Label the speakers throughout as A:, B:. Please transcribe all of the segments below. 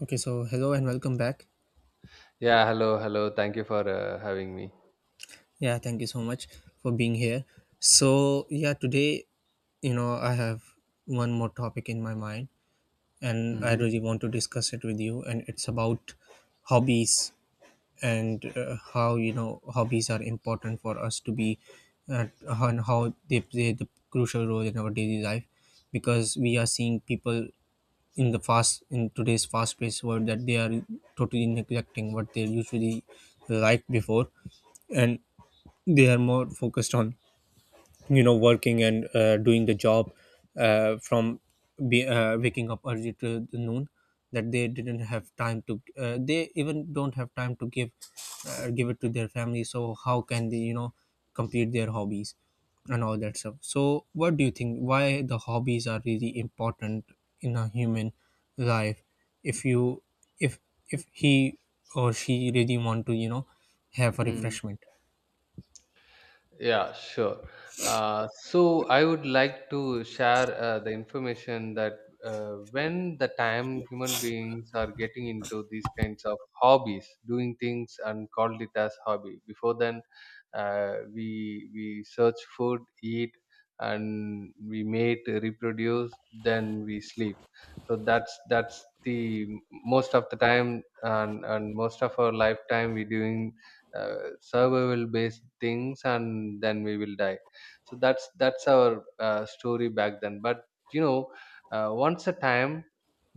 A: Okay, so hello and welcome back.
B: Yeah, hello, hello. Thank you for having me.
A: Yeah, thank you so much for being here. So, yeah, today, you know, I have one more topic in my mind and I
B: Mm-hmm.
A: really want to discuss it with you, and it's about hobbies and how, you know, hobbies are important for us to be, and how they play the crucial role in our daily life, because we are seeing people in the fast in today's fast paced world, that they are totally neglecting what they usually liked before, and they are more focused on, you know, working and doing the job, uh, from waking up early to the noon, that they didn't have time to, they even don't have time to give, give it to their family. So how can they, you know, complete their hobbies and all that stuff? So what do you think, why the hobbies are really important in a human life, if you if if he or she really want to, you know, have a refreshment?
B: Yeah, sure. So I would like to share the information that when the time human beings are getting into these kinds of hobbies, doing things and called it as hobby. Before then, we search food, eat, and we mate, reproduce, then we sleep. So that's the most of the time, and most of our lifetime we doing survival based things, and then we will die. So that's our story back then. But you know, once a time,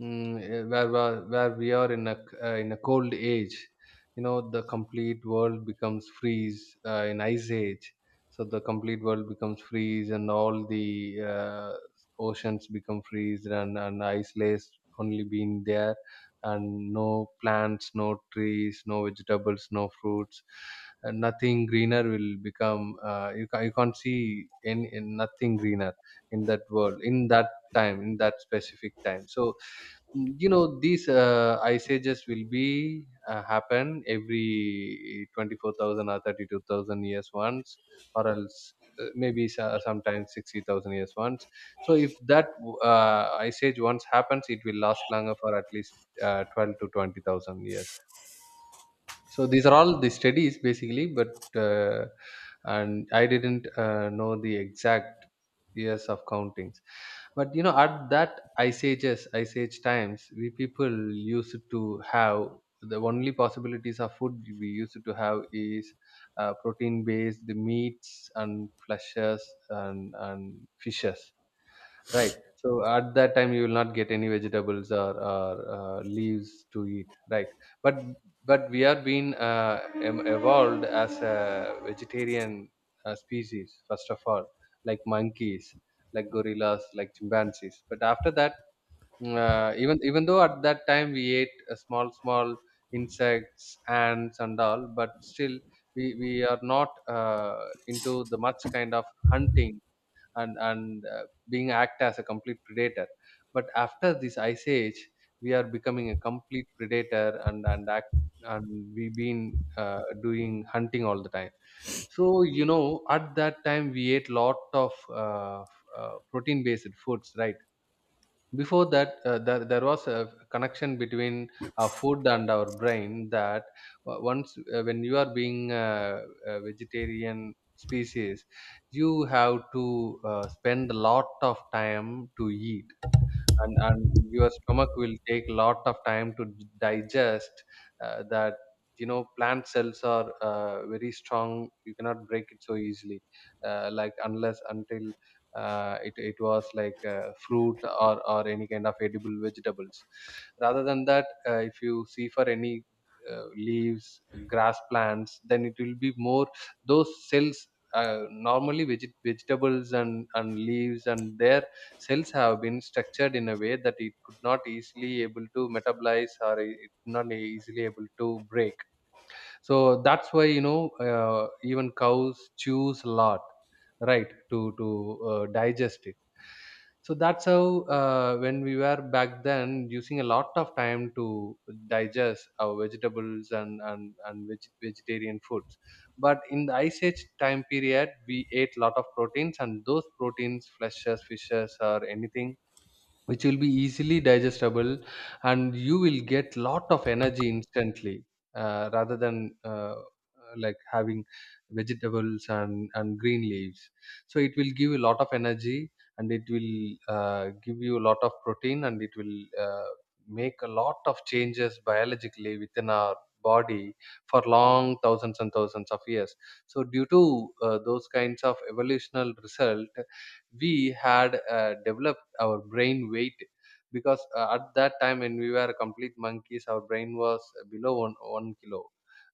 B: where we are in in a cold age, you know, the complete world becomes freeze, in ice age. So the complete world becomes freeze, and all the oceans become freeze, and ice layers only being there, and no plants, no trees, no vegetables, no fruits, and nothing greener will become. You can't see any, nothing greener in that world, in that time, in that specific time. So you know, these ice ages will be happen every 24,000 or 32,000 years once, or else maybe sometimes 60,000 years once. So if that ice age once happens, it will last longer for at least 12 to 20,000 years. So these are all the studies basically, but uh, and I didn't know the exact years of countings. But you know, at that ice age times, we people used to have, the only possibilities of food we used to have is protein based meats and fleshes, and fishes. Right. So at that time, you will not get any vegetables, or leaves to eat. Right. But we are being evolved as a vegetarian species, first of all, like monkeys, like gorillas, like chimpanzees. But after that, even though at that time we ate small insects, ants, and all, but still we are not into the much kind of hunting and being act as a complete predator. But after this ice age, we are becoming a complete predator and act and we been doing hunting all the time. So you know, at that time, we ate lot of protein based foods, right? Before that, there was a connection between our food and our brain, that once, when you are being a vegetarian species, you have to spend a lot of time to eat, and your stomach will take lot of time to digest that. You know, plant cells are very strong, you cannot break it so easily, like, unless until it was like fruit, or any kind of edible vegetables. Rather than that, if you see for any leaves, grass, plants, then it will be more, those cells, normally vegetables and leaves and their cells have been structured in a way that it could not easily able to metabolize, or it could not easily able to break. So that's why, you know, even cows chews a lot, right, to digest it. So that's how, when we were back then, using a lot of time to digest our vegetables, and vegetarian foods. But in the ice age time period, we ate a lot of proteins, and those proteins, fleshes, fishes, or anything, which will be easily digestible, and you will get lot of energy instantly, rather than like having vegetables and green leaves. So it will give you a lot of energy, and it will give you a lot of protein, and it will make a lot of changes biologically within our body for long thousands and thousands of years. So due to those kinds of evolutional result, we had developed our brain weight, because at that time, when we were complete monkeys, our brain was below one kilo,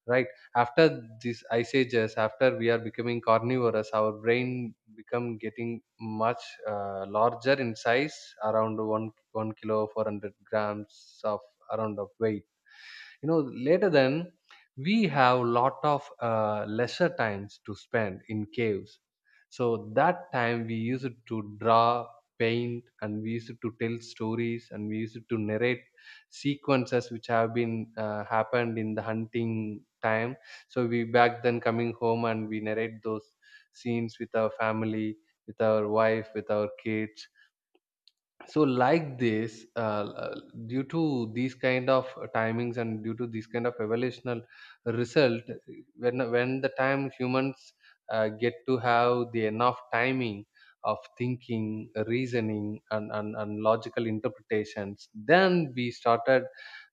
B: right. After these ice ages, after we are becoming carnivorous, our brain become getting much larger in size, around one kilo 400 grams of, around of weight, you know. Later then, we have lot of lesser times to spend in caves. So that time, we used to draw, paint, and we used to tell stories, and we used to narrate sequences which have been happened in the hunting time. So we back then coming home, and we narrate those scenes with our family, with our wife, with our kids. So like this, due to these kind of timings, and due to these kind of evolutional result, when the time humans get to have the enough timing of thinking, reasoning, and logical interpretations, then we started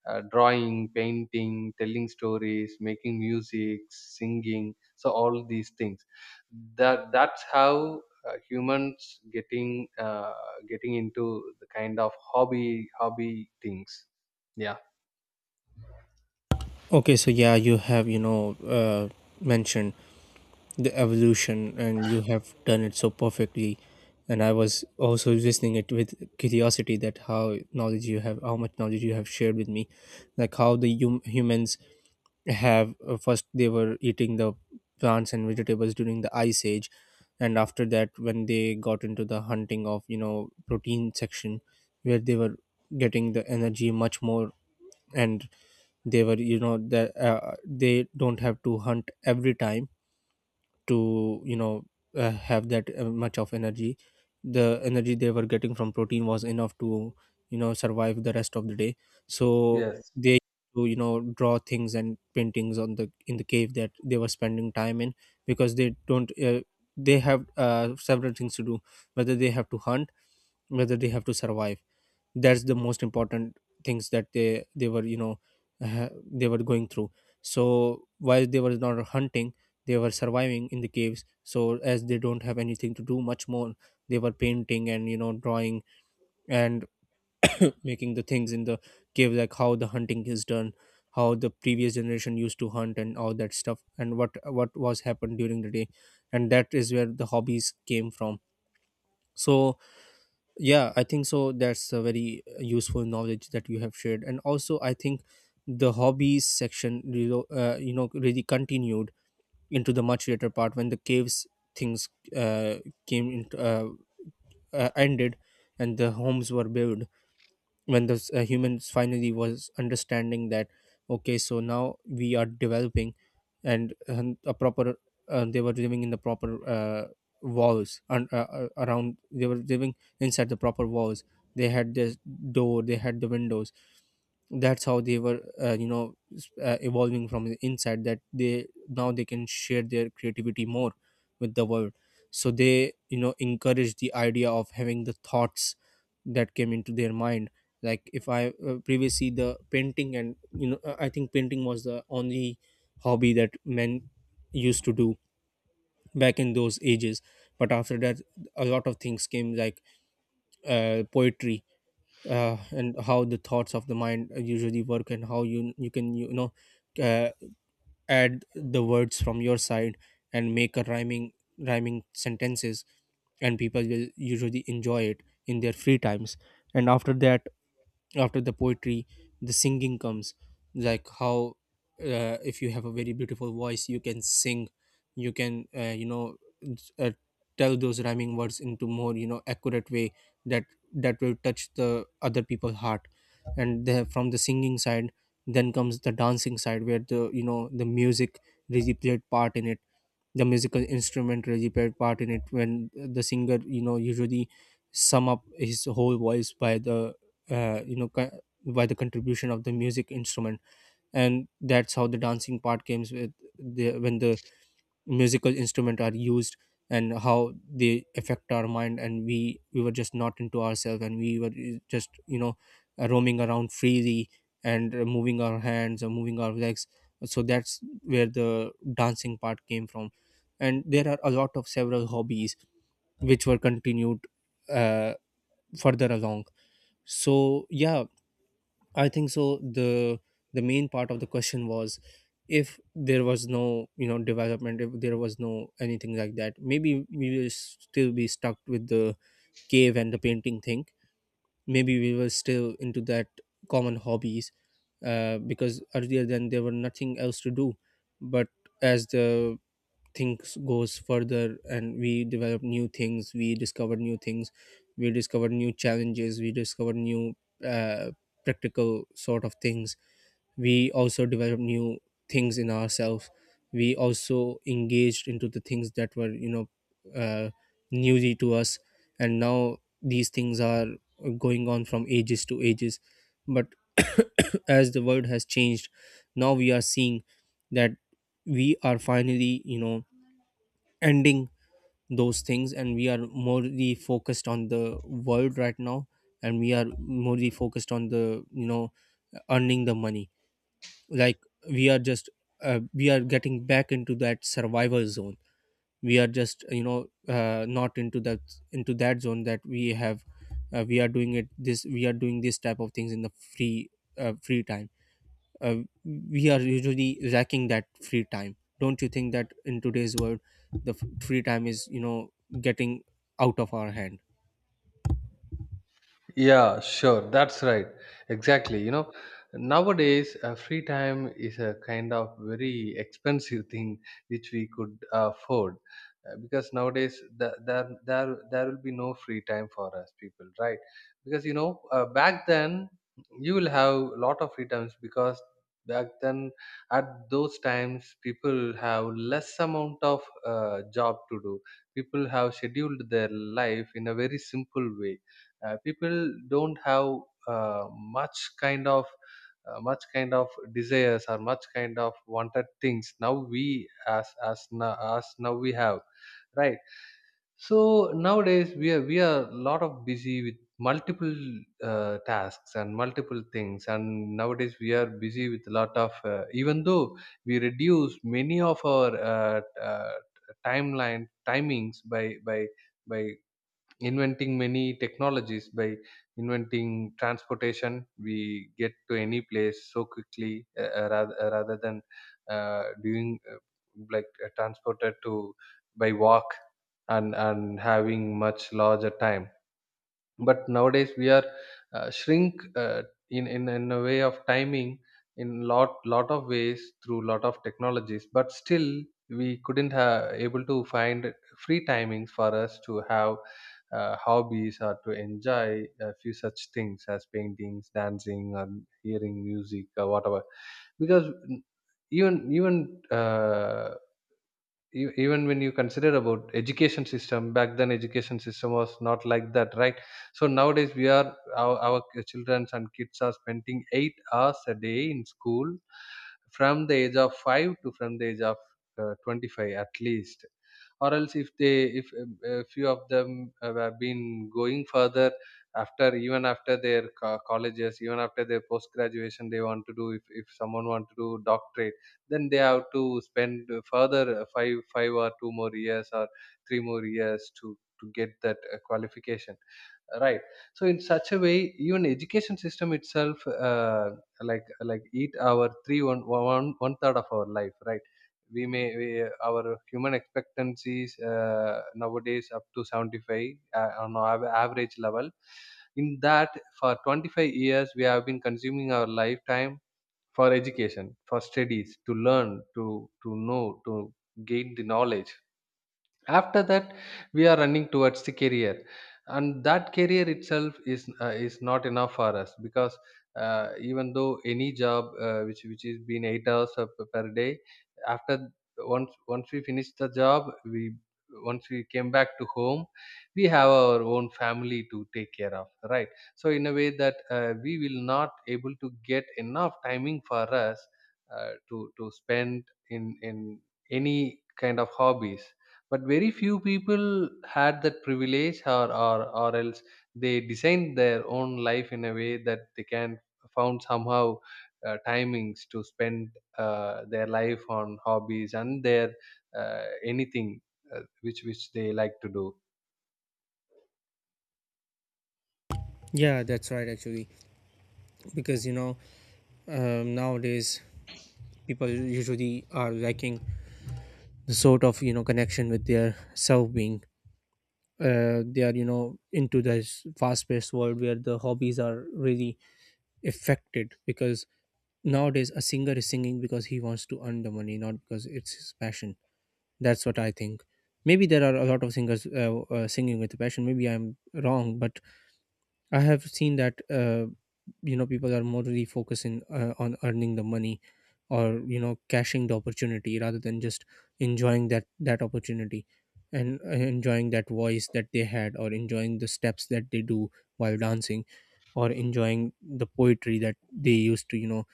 B: drawing, painting, telling stories, making music, singing, so all these things, that's how humans getting getting into the kind of hobby things, yeah.
A: Okay, so yeah, you have, you know, mentioned the evolution, and you have done it so perfectly. And I was also listening it with curiosity, that how knowledge you have, how much knowledge you have shared with me, like how the humans have, first they were eating the plants and vegetables during the ice age, and after that, when they got into the hunting of, you know, protein section, where they were getting the energy much more, and they were, you know, that they don't have to hunt every time to, you know, have that much of energy. The energy they were getting from protein was enough to, you know, survive the rest of the day. So
B: Yes.
A: they used to, you know, draw things and paintings on the in the cave that they were spending time in, because they don't, they have, several things to do, whether they have to hunt, whether they have to survive. That's the most important things, that they were, you know, they were going through. So while they were not hunting, they were surviving in the caves, so as they don't have anything to do much more, they were painting and, you know, drawing, and making the things in the cave, like how the hunting is done, how the previous generation used to hunt and all that stuff, and what was happened during the day. And that is where the hobbies came from. So yeah, I think so, that's a very useful knowledge that you have shared. And also I think the hobbies section, you know, you know, really continued into the much later part, when the caves things uh, came into ended, and the homes were built, when the humans finally was understanding that, okay, so now we are developing, and a proper, they were living in the proper, walls and around, they were living inside the proper walls. They had this door, they had the windows. That's how they were, you know, evolving from the inside, that they, now they can share their creativity more with the world. So they, you know, encourage the idea of having the thoughts that came into their mind. Like, if I previously the painting, and, you know, I think painting was the only hobby that men used to do back in those ages. But after that, a lot of things came, like poetry, and how the thoughts of the mind usually work, and how you can, you know, uh, add the words from your side and make a rhyming sentences, and people will usually enjoy it in their free times. And after that, after the poetry, the singing comes, like how, if you have a very beautiful voice, you can sing, you can, you know, uh, tell those rhyming words into more, you know, accurate way, that that will touch the other people's heart. And the, from the singing side, then comes the dancing side, where the, you know, the music really played part in it. The musical instrument really played part in it, when the singer, you know, usually sum up his whole voice by the, you know, by the contribution of the music instrument. And that's how the dancing part comes with the, when the musical instrument are used, and how they affect our mind, and we were just not into ourselves, and we were, just, you know, roaming around freely, and moving our hands or moving our legs. So that's where the dancing part came from. And there are a lot of several hobbies which were continued uh, further along. So yeah, I think so. The main part of the question was, if there was no, you know, development, if there was no anything like that, maybe we will still be stuck with the cave and the painting thing. Maybe we were still into that common hobbies, because earlier then there were nothing else to do. But as the things goes further, and we develop new things, we discover new things, we discover new challenges, we discover new, uh, practical sort of things, we also develop new things in ourselves, we also engaged into the things that were, you know, uh, newly to us. And now these things are going on from ages to ages. But as the world has changed, now we are seeing that we are finally, you know, ending those things, and we are morely focused on the world right now, and we are morely focused on the, you know, earning the money. Like, we are just, we are getting back into that survival zone. We are just, you know, not into that, into that zone that we have, we are doing it, this, we are doing this type of things in the free time. uh, we are usually lacking that free time. Don't you think that in today's world, the free time is, you know, getting out of our hand?
B: Yeah, sure. That's right. Exactly. You know, nowadays, free time is a kind of very expensive thing, which we could afford. Because nowadays, there will be no free time for us people, right? Because you know, back then, you will have a lot of free times, because back then, at those times, people have less amount of job to do. People have scheduled their life in a very simple way. People don't have uh, much kind of much kind of desires, or much kind of wanted things, now we, as now we have, right? So nowadays, we are a lot of busy with multiple tasks and multiple things, and nowadays we are busy with a lot of, even though we reduce many of our timeline timings by by inventing many technologies, by inventing transportation, we get to any place so quickly, rather than doing, like, transported to by walk, and having much larger time. But nowadays, we are shrink, in a way of timing, in lot of ways, through lot of technologies. But still, we couldn't have able to find free timings for us to have hobbies, or to enjoy a few such things as paintings, dancing, or hearing music, or whatever. Because, even even uh, even when you consider about education system, back then education system was not like that, right? So nowadays, our children and kids are spending 8 hours a day in school, from the age of 5, to from the age of 25 at least. Or else, if they if a few of them have been going further, after, even after their colleges, even after their post graduation, they want to do, if someone want to do doctorate, then they have to spend further five or 2 more years, or 3 more years, to get that qualification, right. So in such a way, even education system itself, like eat our three one one one third of our life, right. We may, our human expectancies, nowadays up to 75, on our average level. In that, for 25 years, we have been consuming our lifetime for education, for studies, to learn, to know to gain the knowledge. After that, we are running towards the career, and that career itself is, not enough for us, because even though any job, which is been 8 hours per day, after, once we finish the job, we once we came back to home, we have our own family to take care of, right. So in a way that, we will not able to get enough timing for us to spend in any kind of hobbies. But very few people had that privilege, or else they designed their own life in a way that they can found somehow timings to spend their life on hobbies, and their anything which they like to do.
A: Yeah, that's right, actually. Because, you know, nowadays, people usually are lacking the sort of, you know, connection with their self being. They are, you know, into this fast paced world, where the hobbies are really affected, because nowadays a singer is singing because he wants to earn the money, not because it's his passion. That's what I think. Maybe there are a lot of singers singing with passion. Maybe I'm wrong, but I have seen that, you know, people are more really focusing on earning the money, or, you know, cashing the opportunity, rather than just enjoying that opportunity, and enjoying that voice that they had, or enjoying the steps that they do while dancing, or enjoying the poetry that they used to, you know,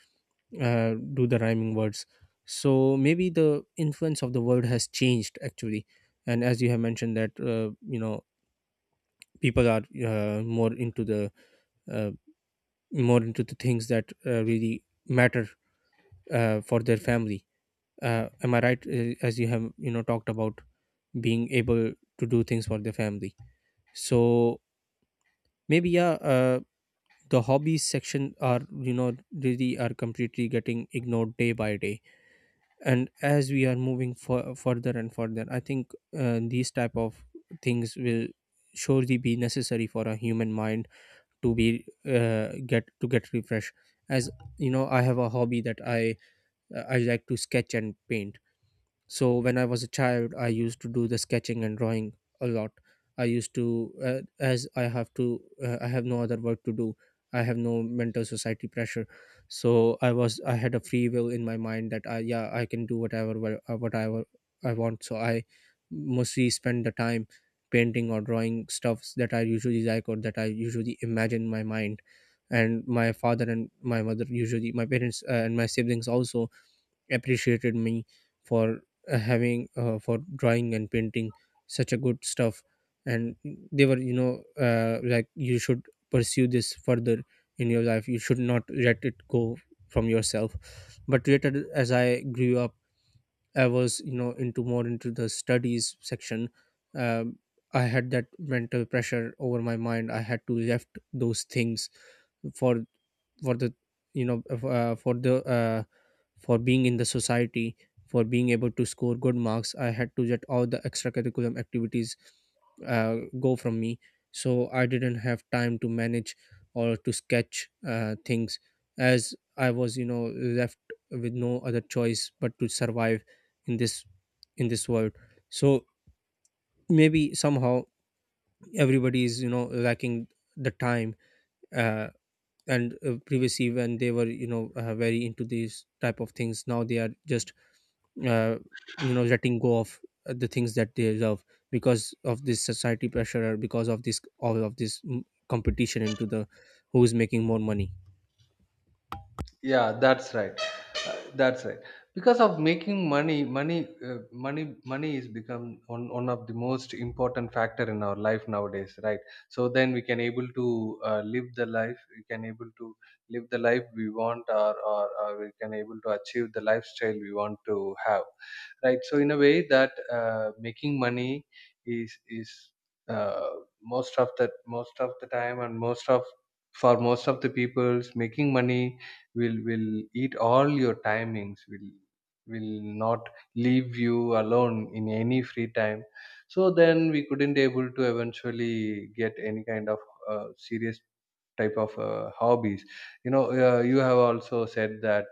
A: do the rhyming words. So maybe the influence of the word has changed, actually. And as you have mentioned that, you know, people are, more into the, uh, more into the things that really matter for their family. Am I right? As you have, you know, talked about being able to do things for their family. So maybe yeah, the hobbies section are, you know, really are completely getting ignored day by day. And as we are moving further and further, I think these type of things will surely be necessary for a human mind to be, get to get refreshed. As, you know, I have a hobby that I like to sketch and paint. So when I was a child, I used to do the sketching and drawing a lot. I used to, as I have to, I have no other work to do. I have no mental society pressure, so I was, I had a free will in my mind that I, yeah, I can do whatever, whatever I want. So I mostly spend the time painting or drawing stuffs that I usually like, or that I usually imagine in my mind. And my father and my mother usually, my parents and my siblings also appreciated me for having for drawing and painting such a good stuff, and they were, you know, like, you should pursue this further in your life, you should not let it go from yourself. But later as I grew up, I was, you know, into more into the studies section. um, I had that mental pressure over my mind, I had to left those things for for the you know for the for being in the society, for being able to score good marks. I had to get all the extracurriculum activities go from me, so I didn't have time to manage or to sketch things, as I was, you know, left with no other choice but to survive in this in this world. So maybe somehow everybody is, you know, lacking the time, uh, and previously when they were, you know, very into these type of things, now they are just uh, you know letting go of the things that they love, because of this society pressure or because of this all of this competition into the who is making more money.
B: Yeah, that's right. Uh, that's right, because of making uh, money money is become one of the most important factor in our life nowadays, right. So then, we can able to uh, live the life we can able to live the life we want, or we can able to achieve the lifestyle we want to have, right. So in a way that, making money is uh, most of the most of the time, and most of for most of the peoples, making money will eat all your timings, will not leave you alone in any free time. So Then we couldn't able to eventually get any kind of serious type of hobbies. You have also said that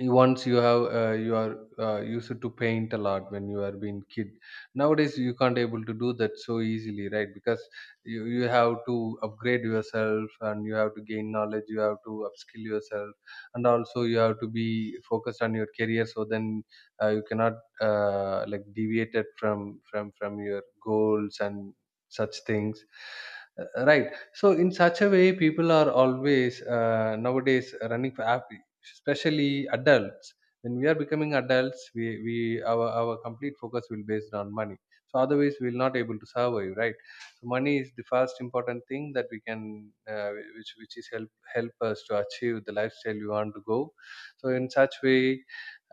B: once you have you are used to paint a lot when you are being kid. Nowadays you can't able to do that so easily, right? Because you have to upgrade yourself, and you have to gain knowledge, you have to upskill yourself, and also you have to be focused on your career. So then you cannot like deviated from your goals and such things. Right. So in such a way, people are always nowadays running for app, especially adults. When we are becoming adults, we, our complete focus will based on money, so otherwise we'll not able to survive, right? So money is the first important thing that we can uh, which is help us to achieve the lifestyle we want to go. So in such way,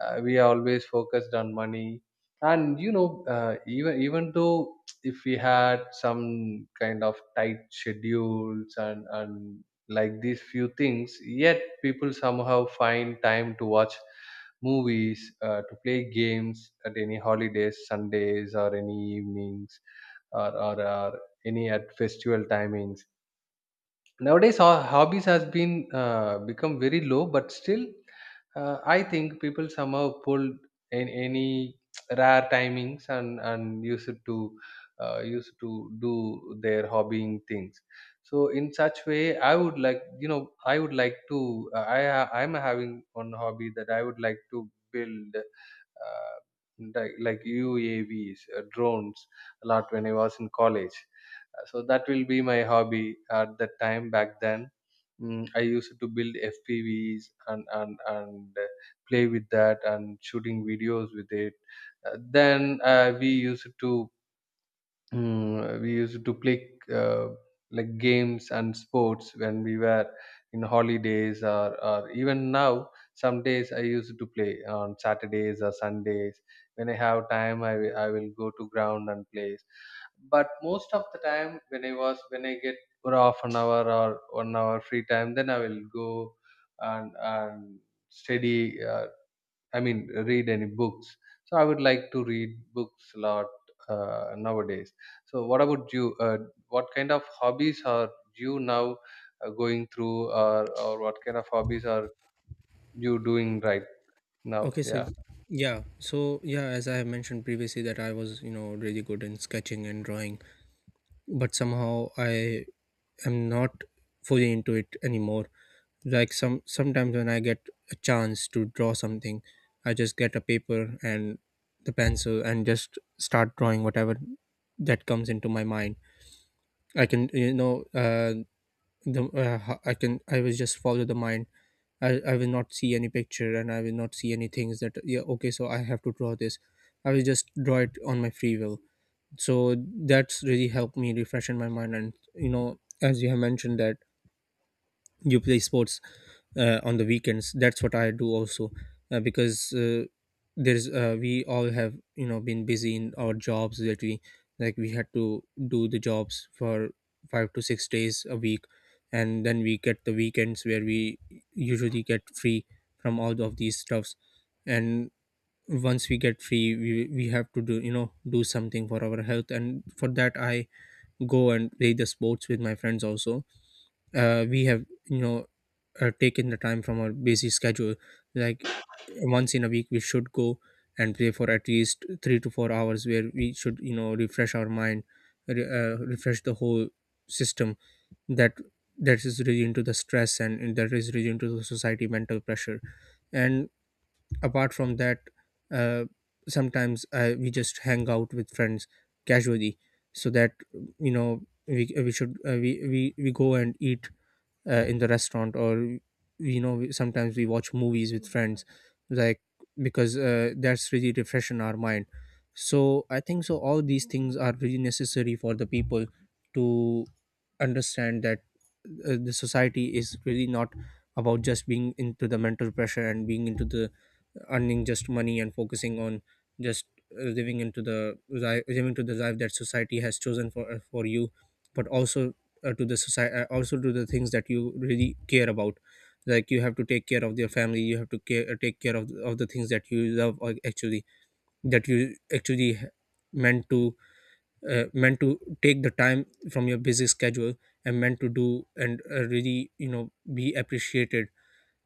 B: we are always focused on money. And you know, even though if we had some kind of tight schedules and like these few things, yet people somehow find time to watch movies, to play games at any holidays, sundays or any evenings, or any at festival timings. Nowadays hobbies has been become very low, but still I think people somehow pull in any rare timings and used to used to do their hobbying things. So in such way, I would like to, I am having one hobby that I would like to build, uh, like UAVs, drones, a lot when I was in college. So that will be my hobby at that time back then. Mm, I used to build FPVs and play with that and shooting videos with it. Then we used to, mm, we used to play like games and sports when we were in holidays, or even now some days I used to play on saturdays or sundays. When I have time, I will go to ground and play. But most of the time, when I get for half an hour or 1 hour free time, then I will go and study, I mean, read any books. So I would like to read books a lot nowadays. So what about you? What kind of hobbies are you now going through, or what kind of hobbies are you doing right now?
A: Okay, so
B: Yeah.
A: yeah, so, as I have mentioned previously, that I was, you know, really good in sketching and drawing, but somehow I am not fully into it anymore. Like, sometimes when I get a chance to draw something, I just get a paper and the pencil and just start drawing whatever that comes into my mind. I can, you know, I can, I will just follow the mind. I will not see any picture, and I will not see any things that, yeah, okay, so I have to draw this. I will just draw it on my free will. So that's really helped me refresh in my mind. And you know, as you have mentioned that you play sports on the weekends, that's what I do also. Because there's We all have, you know, been busy in our jobs, that we, like, we had to do the jobs for 5 to 6 days a week, and then we get the weekends where we usually get free from all of these stuffs. And once we get free, we have to do, you know, do something for our health, and for that I go and play the sports with my friends also. We have, you know, taken the time from our busy schedule, like, once in a week we should go and play for at least 3 to 4 hours, where we should, you know, refresh our mind, refresh the whole system that that is really into the stress, and that is really into the society mental pressure. And apart from that, uh, sometimes we just hang out with friends casually, so that, you know, we should we go and eat in the restaurant, or you know, sometimes we watch movies with friends, like, because that's really refreshing our mind. So I think so all these things are really necessary for the people to understand that the society is really not about just being into the mental pressure and being into the earning just money and focusing on just living into the living to the life that society has chosen for you, but also to the society, also to the things that you really care about. Like, you have to take care of your family, you have to take care of the things that you love, or actually that you actually meant to meant to take the time from your busy schedule and meant to do, and really, you know, be appreciated.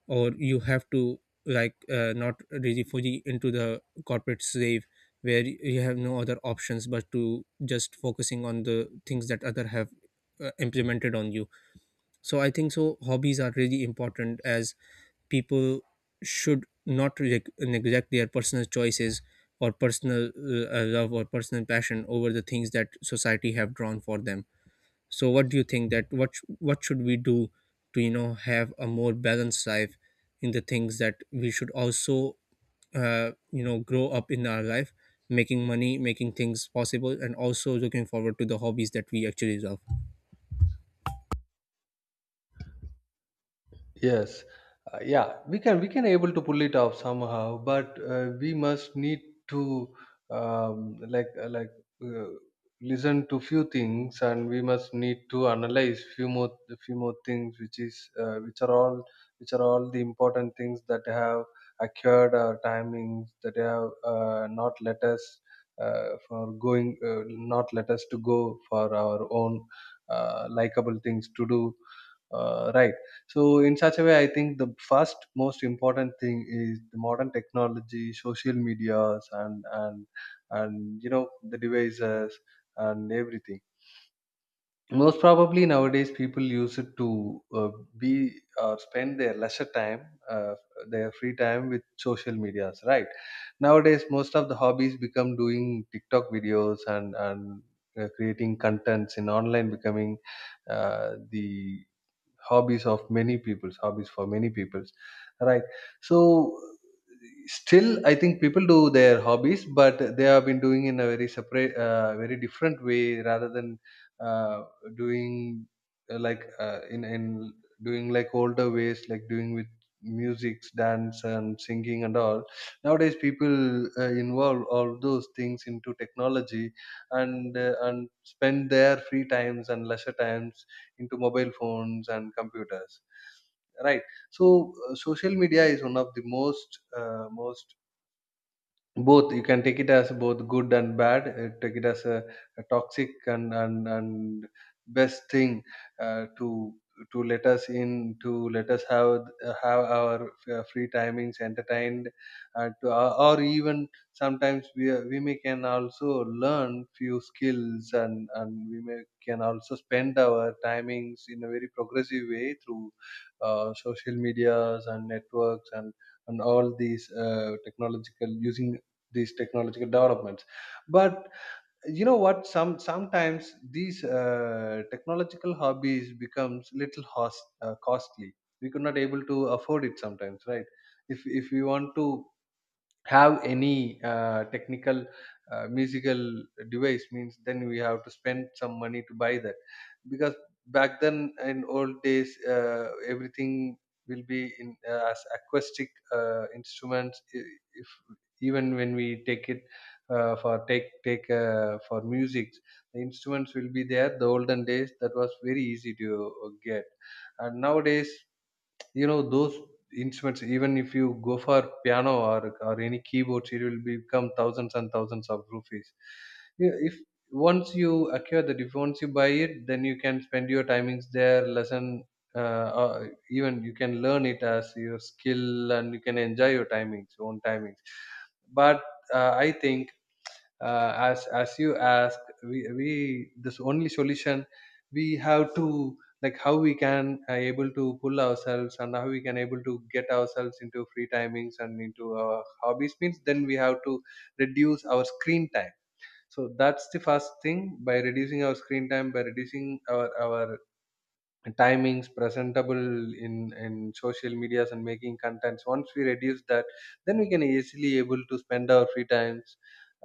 A: Or you have to, like, not really fully into the corporate slave, where you have no other options but to just focusing on the things that other have implemented on you. So I think so hobbies are really important, as people should not reject, neglect their personal choices or personal love or personal passion over the things that society have drawn for them. So what do you think that what should we do to, you know, have a more balanced life in the things that we should also, you know, grow up in our life, making money, making things possible, and also looking forward to the hobbies that we actually love.
B: Yes, yeah, we can able to pull it off somehow, but we must need to, um, like uh, like uh, listen to few things, and we must need to analyze few more things, which is which are all, which are all the important things that have occurred our timings, that have not let us, for going not let us to go for our own likable things to do. Right. So, in such a way, I think the first most important thing is the modern technology, social medias, and you know the devices and everything. Most probably nowadays, people use it to be, or spend their lesser time, their free time with social medias, right? Nowadays, most of the hobbies become doing TikTok videos and creating contents in online, becoming the hobbies of many people's, hobbies for many people's, right? So still I think people do their hobbies, but they have been doing in a very separate, very different way rather than uh, doing, like in doing like older ways, like doing with music, dance and singing and all. Nowadays people involve all those things into technology, and spend their free times and leisure times into mobile phones and computers, right? So social media is one of the most, both you can take it as both good and bad. Take it as a toxic and best thing uh, to to let us in, to let us have our free timings entertained and to, or even sometimes we we may can also learn few skills, and we may can also spend our timings in a very progressive way through social medias and networks and all these technological using these technological developments. But you know what, sometimes these technological hobbies becomes little costly, we could not able to afford it sometimes, right? If we want to have any technical musical device means, then we have to spend some money to buy that. Because back then in old days, everything will be in as acoustic instruments. If even when we take it for take take for music, the instruments will be there, the olden days, that was very easy to get. And nowadays, you know those instruments, even if you go for piano or any keyboards, it will become thousands and thousands of rupees. Yeah, if once you acquire that, if once you buy it, then you can spend your timings there, lesson, or even you can learn it as your skill, and you can enjoy your timings, own timings. But I think as you ask, we this only solution we have to, like how we can able to pull ourselves, and how we can able to get ourselves into free timings and into our hobbies means, then we have to reduce our screen time. So that's the first thing, by reducing our screen time, by reducing our timings presentable in social medias and making contents. Once we reduce that, then we can easily able to spend our free times.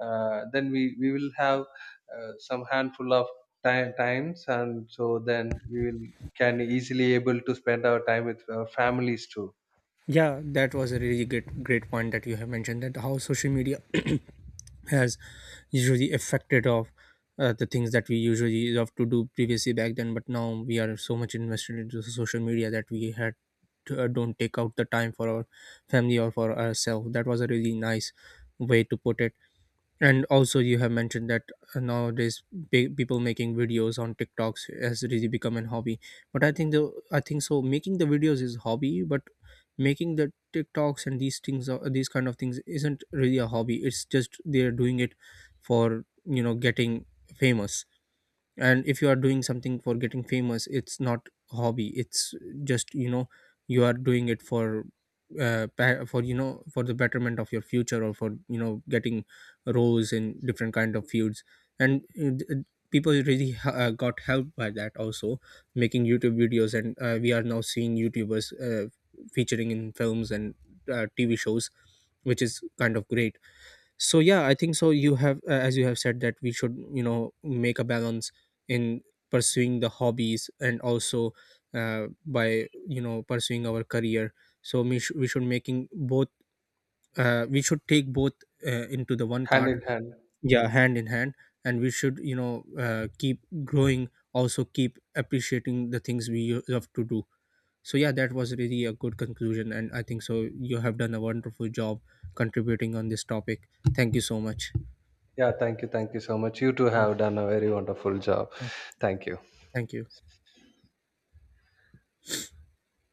B: Then we will have some handful of time, times, and so then we will can easily able to spend our time with our families too.
A: Yeah, that was a really great great point that you have mentioned, that how social media has usually affected of the things that we usually love to do previously back then, but now we are so much invested into social media that we had to, don't take out the time for our family or for ourselves. That was a really nice way to put it. And also you have mentioned that nowadays people making videos on TikToks has really become an hobby. But I think the I think so making the videos is hobby, but making the TikToks and these kind of things isn't really a hobby. It's just they're doing it for, you know, getting famous. And if you are doing something for getting famous, it's not a hobby, it's just, you know, you are doing it for for, you know, for the betterment of your future, or for, you know, getting roles in different kind of fields. And people really got helped by that also, making YouTube videos. And we are now seeing YouTubers featuring in films and TV shows, which is kind of great. So yeah, I think so you have, as you have said, that we should, you know, make a balance in pursuing the hobbies and also, by, you know, pursuing our career. So we should making both, we should take both into the one
B: Hand
A: cart.
B: in hand.
A: Yeah, hand in hand. And we should, you know, keep growing, also keep appreciating the things we love to do. So yeah, that was really a good conclusion, and I think so you have done a wonderful job contributing on this topic. Thank you so much.
B: Yeah, thank you so much, you too
A: Yeah.
B: have done a very wonderful job.
A: Yeah.
B: Thank you.
A: Thank you.